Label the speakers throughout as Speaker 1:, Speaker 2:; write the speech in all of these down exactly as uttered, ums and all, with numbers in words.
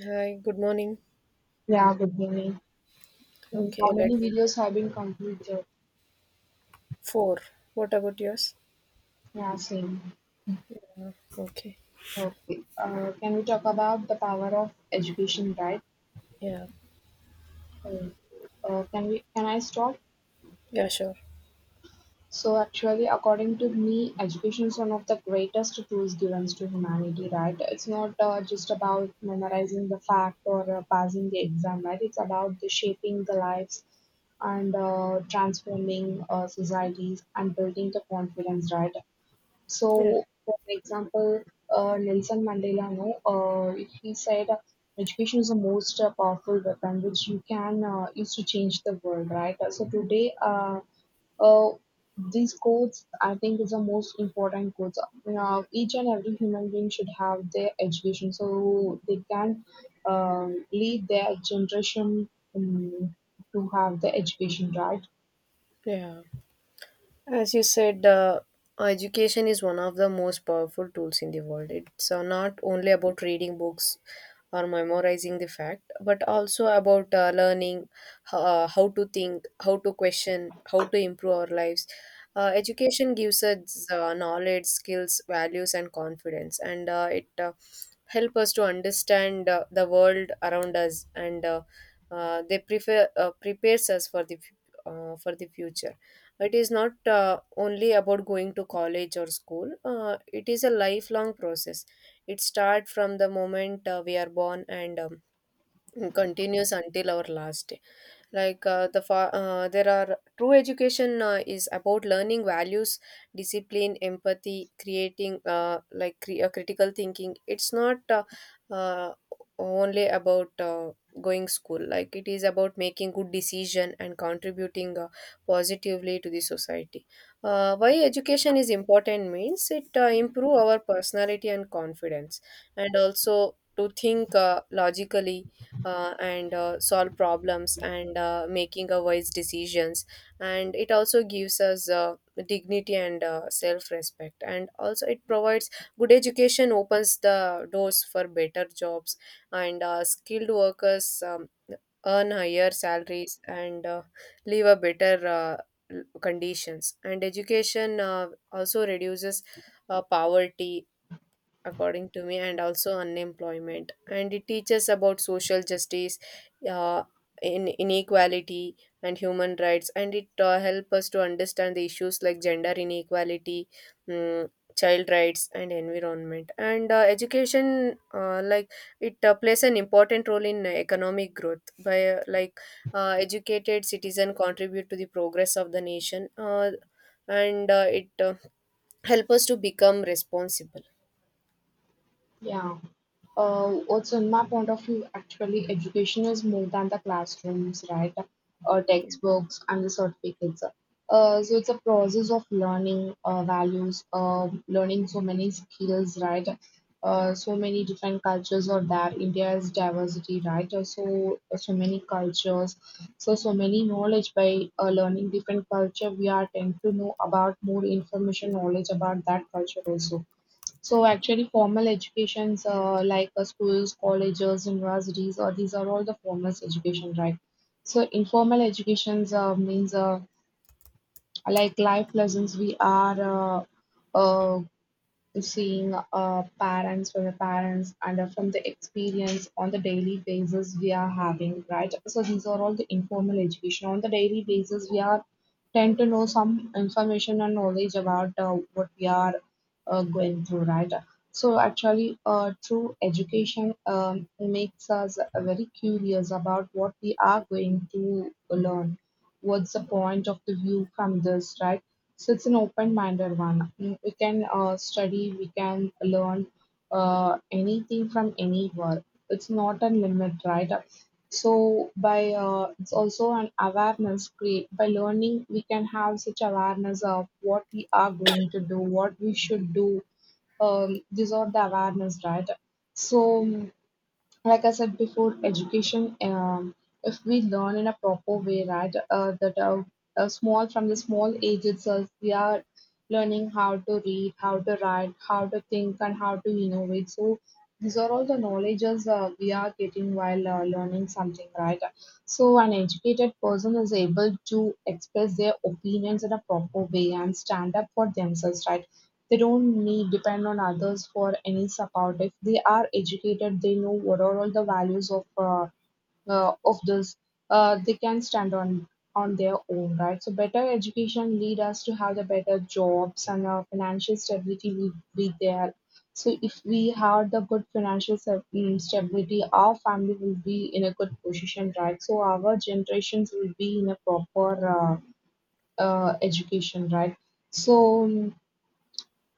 Speaker 1: Hi, good morning.
Speaker 2: Yeah, good evening. Mm.
Speaker 1: Okay,
Speaker 2: How many
Speaker 1: let's
Speaker 2: videos have been completed?
Speaker 1: four. What about yours?
Speaker 2: Yeah, same.
Speaker 1: Uh, Okay.
Speaker 2: Okay. Uh, can we talk about the power of education, right?
Speaker 1: Yeah.
Speaker 2: Uh, uh, can we? Can I stop?
Speaker 1: Yeah, sure.
Speaker 2: So actually, according to me, education is one of the greatest tools given to humanity, right? It's not uh, just about memorizing the fact or uh, passing the exam, right? It's about the shaping the lives and uh, transforming uh, societies and building the confidence, right?
Speaker 1: Yeah.
Speaker 2: So, for example, uh, Nelson Mandela, no, uh, he said uh, education is the most uh, powerful weapon which you can uh, use to change the world, right? Uh, So today, uh, uh, these codes I think is the most important codes. Now, each and every human being should have their education so they can um, lead their generation um, to have the education, right?
Speaker 1: Yeah. As you said, uh, education is one of the most powerful tools in the world. It's uh, not only about reading books or memorizing the fact, but also about uh, learning uh, how to think, how to question, how to improve our lives. Uh, education gives us uh, knowledge, skills, values, and confidence, and uh, it uh, help us to understand uh, the world around us, and uh, uh, they prefer uh, prepares us for the uh, for the future. It is not uh, only about going to college or school. Uh, it is a lifelong process. It starts from the moment uh, we are born and um, continues until our last day like uh, the fa- uh, there are true education uh, is about learning values, discipline, empathy, creating uh, like cre- uh, critical thinking. It's not uh, uh, only about uh, going school, like it is about making good decision and contributing uh, positively to the society. Uh, why education is important means it uh, improve our personality and confidence, and also to think uh, logically, uh, and uh, solve problems and uh, making a wise decisions, and it also gives us uh, dignity and uh, self-respect, and also it provides good education, opens the doors for better jobs and uh, skilled workers um, earn higher salaries and uh, live a better uh, l- conditions. And education uh, also reduces uh, poverty according to me, and also unemployment, and it teaches about social justice, uh, in inequality and human rights, and it uh, help us to understand the issues like gender inequality, mm, child rights, and environment. And uh, education uh, like it uh, plays an important role in economic growth by uh, like uh, educated citizen contribute to the progress of the nation, uh, and uh, it uh, help us to become responsible.
Speaker 2: Yeah. uh, also in my point of view, actually education is more than the classrooms, right, uh, textbooks and the certificates. Uh, so it's a process of learning uh, values, uh, learning so many skills, right. Uh, so many different cultures are there, india's diversity, right. Uh, so uh, so many cultures, so so many knowledge. By uh, learning different culture, we are tend to know about more information, knowledge about that culture also. So actually formal educations uh, like uh, schools, colleges, universities, or these are all the formal education, right? So informal educations uh, means uh, like life lessons we are uh, uh, seeing uh, parents, from the parents and uh, from the experience on the daily basis we are having, right. So these are all the informal education. On the daily basis, we are tend to know some information and knowledge about uh, what we are uh, going through, right. So actually uh, through education, um, makes us uh, very curious about what we are going to learn, what's the point of the view from this, right. So it's an open-minded one. Mm. We can uh, study, we can learn uh, anything from anywhere. It's not a limit, right? So by uh, it's also an awareness create by learning. We can have such awareness of what we are going to do, what we should do. Um, these are the awareness, right? So, mm, like I said before, education, um, if we learn in a proper way, right, uh, that uh, uh, small, from the small age itself, we are learning how to read, how to write, how to think, and how to innovate. So these are all the knowledges uh, we are getting while uh, learning something, right? So an educated person is able to express their opinions in a proper way and stand up for themselves, right? They don't need depend on others for any support. If they are educated, they know what are all the values of uh, uh, of this. Uh, they can stand on on their own, right? So better education lead us to have the better jobs, and uh, financial stability will be there. So if we have the good financial sta- mm, stability, our family will be in a good position, right? So our generations will be in a proper uh, uh, education, right? So, mm,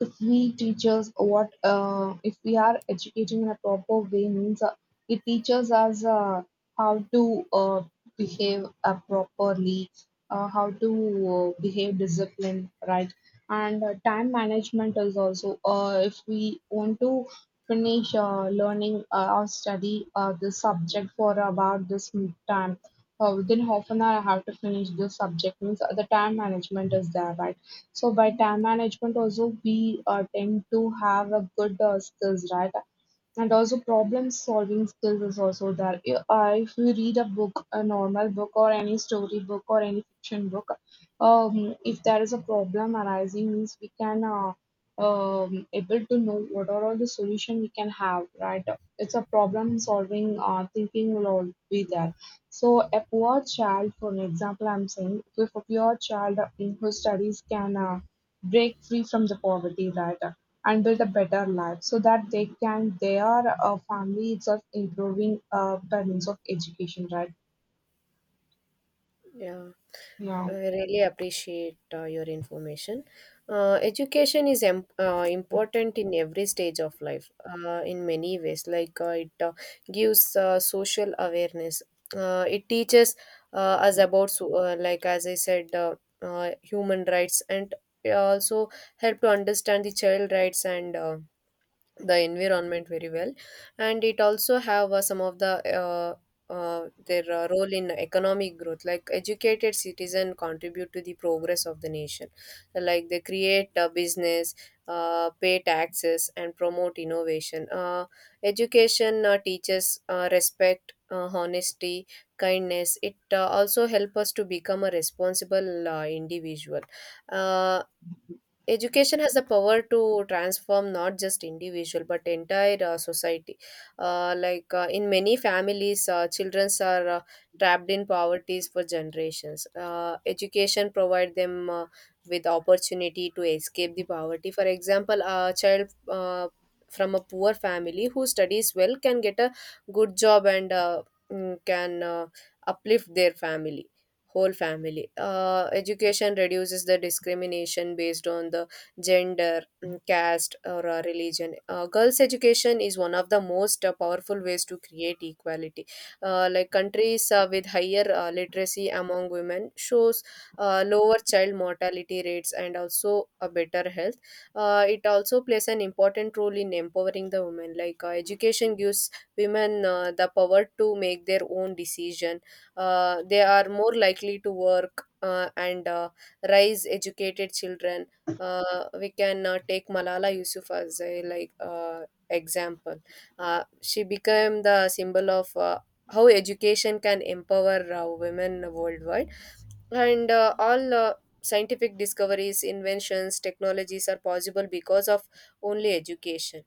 Speaker 2: if we teachers what uh, if we are educating in a proper way means uh, it teaches us uh, how to uh, behave uh, properly, uh, how to uh, behave disciplined, right? And uh, time management is also uh, if we want to finish uh, learning uh, or study uh, this subject for about this time. Uh, within half an hour, I have to finish this subject. Means uh, the time management is there, right? So by time management also we uh, tend to have a good uh, skills, right? And also problem-solving skills is also there. Uh, if you read a book, a normal book or any story book or any fiction book, um, if there is a problem arising, means we can uh, um, able to know what are all the solution we can have, right? It's a problem-solving uh, thinking will all be there. So a poor child, for an example, I'm saying, if a poor child uh, who studies can uh, break free from the poverty, right, and build a better life so that they can, their uh, family itself improving uh, by means of education, right.
Speaker 1: Yeah.
Speaker 2: Yeah.
Speaker 1: I really appreciate uh, your information. Uh, education is em- uh, important in every stage of life uh, in many ways. Like uh, it uh, gives uh, social awareness. Uh, it teaches uh, us about, so, uh, like as I said, uh, uh, human rights, and it also help to understand the child rights and uh, the environment very well, and it also have uh, some of the uh, uh, their uh, role in economic growth like educated citizen contribute to the progress of the nation, like they create a business, uh, pay taxes, and promote innovation. Uh, education uh, teaches uh, respect, uh, honesty, kindness. It uh, also help us to become a responsible uh, individual. uh, Education has the power to transform not just individual but entire uh, society. Uh, like uh, in many families, uh, children are uh, trapped in poverty for generations. Uh, education provide them uh, with opportunity to escape the poverty. For example, a child uh, from a poor family who studies well can get a good job and uh, mm, can uh, uplift their family, whole family. Uh, education reduces the discrimination based on the gender, mm, caste, or uh, religion. Uh, girls' education is one of the most uh, powerful ways to create equality. Uh, like countries uh, with higher uh, literacy among women shows uh, lower child mortality rates and also a better health. Uh, it also plays an important role in empowering the women. Like uh, education gives women uh, the power to make their own decision. Uh, they are more likely to work uh, and uh, raise educated children. Uh, we can uh, take Malala Yusuf as a like uh, example. Uh, she became the symbol of uh, how education can empower uh, women worldwide, and uh, all uh, scientific discoveries, inventions, technologies are possible because of only education,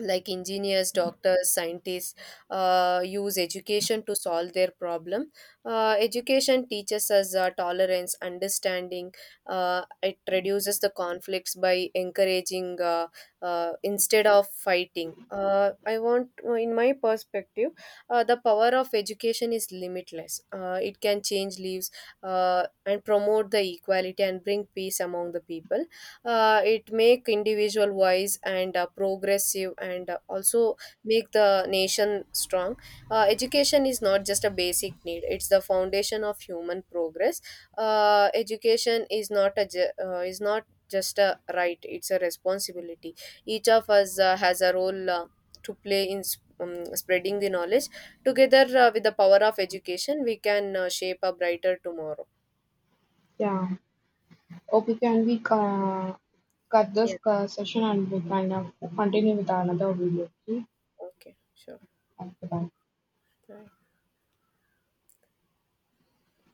Speaker 1: like engineers, doctors, scientists uh, use education to solve their problem. Uh, education teaches us uh, tolerance, understanding. Uh, it reduces the conflicts by encouraging uh, uh, instead of fighting. Uh, I want uh, In my perspective, uh, the power of education is limitless. Uh, it can change lives uh, and promote the equality and bring peace among the people. Uh, it make individual wise and uh, progressive and uh, also make the nation strong. Uh, education is not just a basic need, it's the foundation of human progress. Uh, education is not a ju- uh, is not just a right, it's a responsibility. Each of us uh, has a role uh, to play in s- um, spreading the knowledge together. Uh, with the power of education, we can uh, shape a brighter tomorrow.
Speaker 2: Yeah, okay, can we uh, cut this
Speaker 1: Yeah.
Speaker 2: uh, session and we can uh, continue with another video? Okay.
Speaker 1: Okay, sure.
Speaker 2: Okay, bye.
Speaker 1: Bye.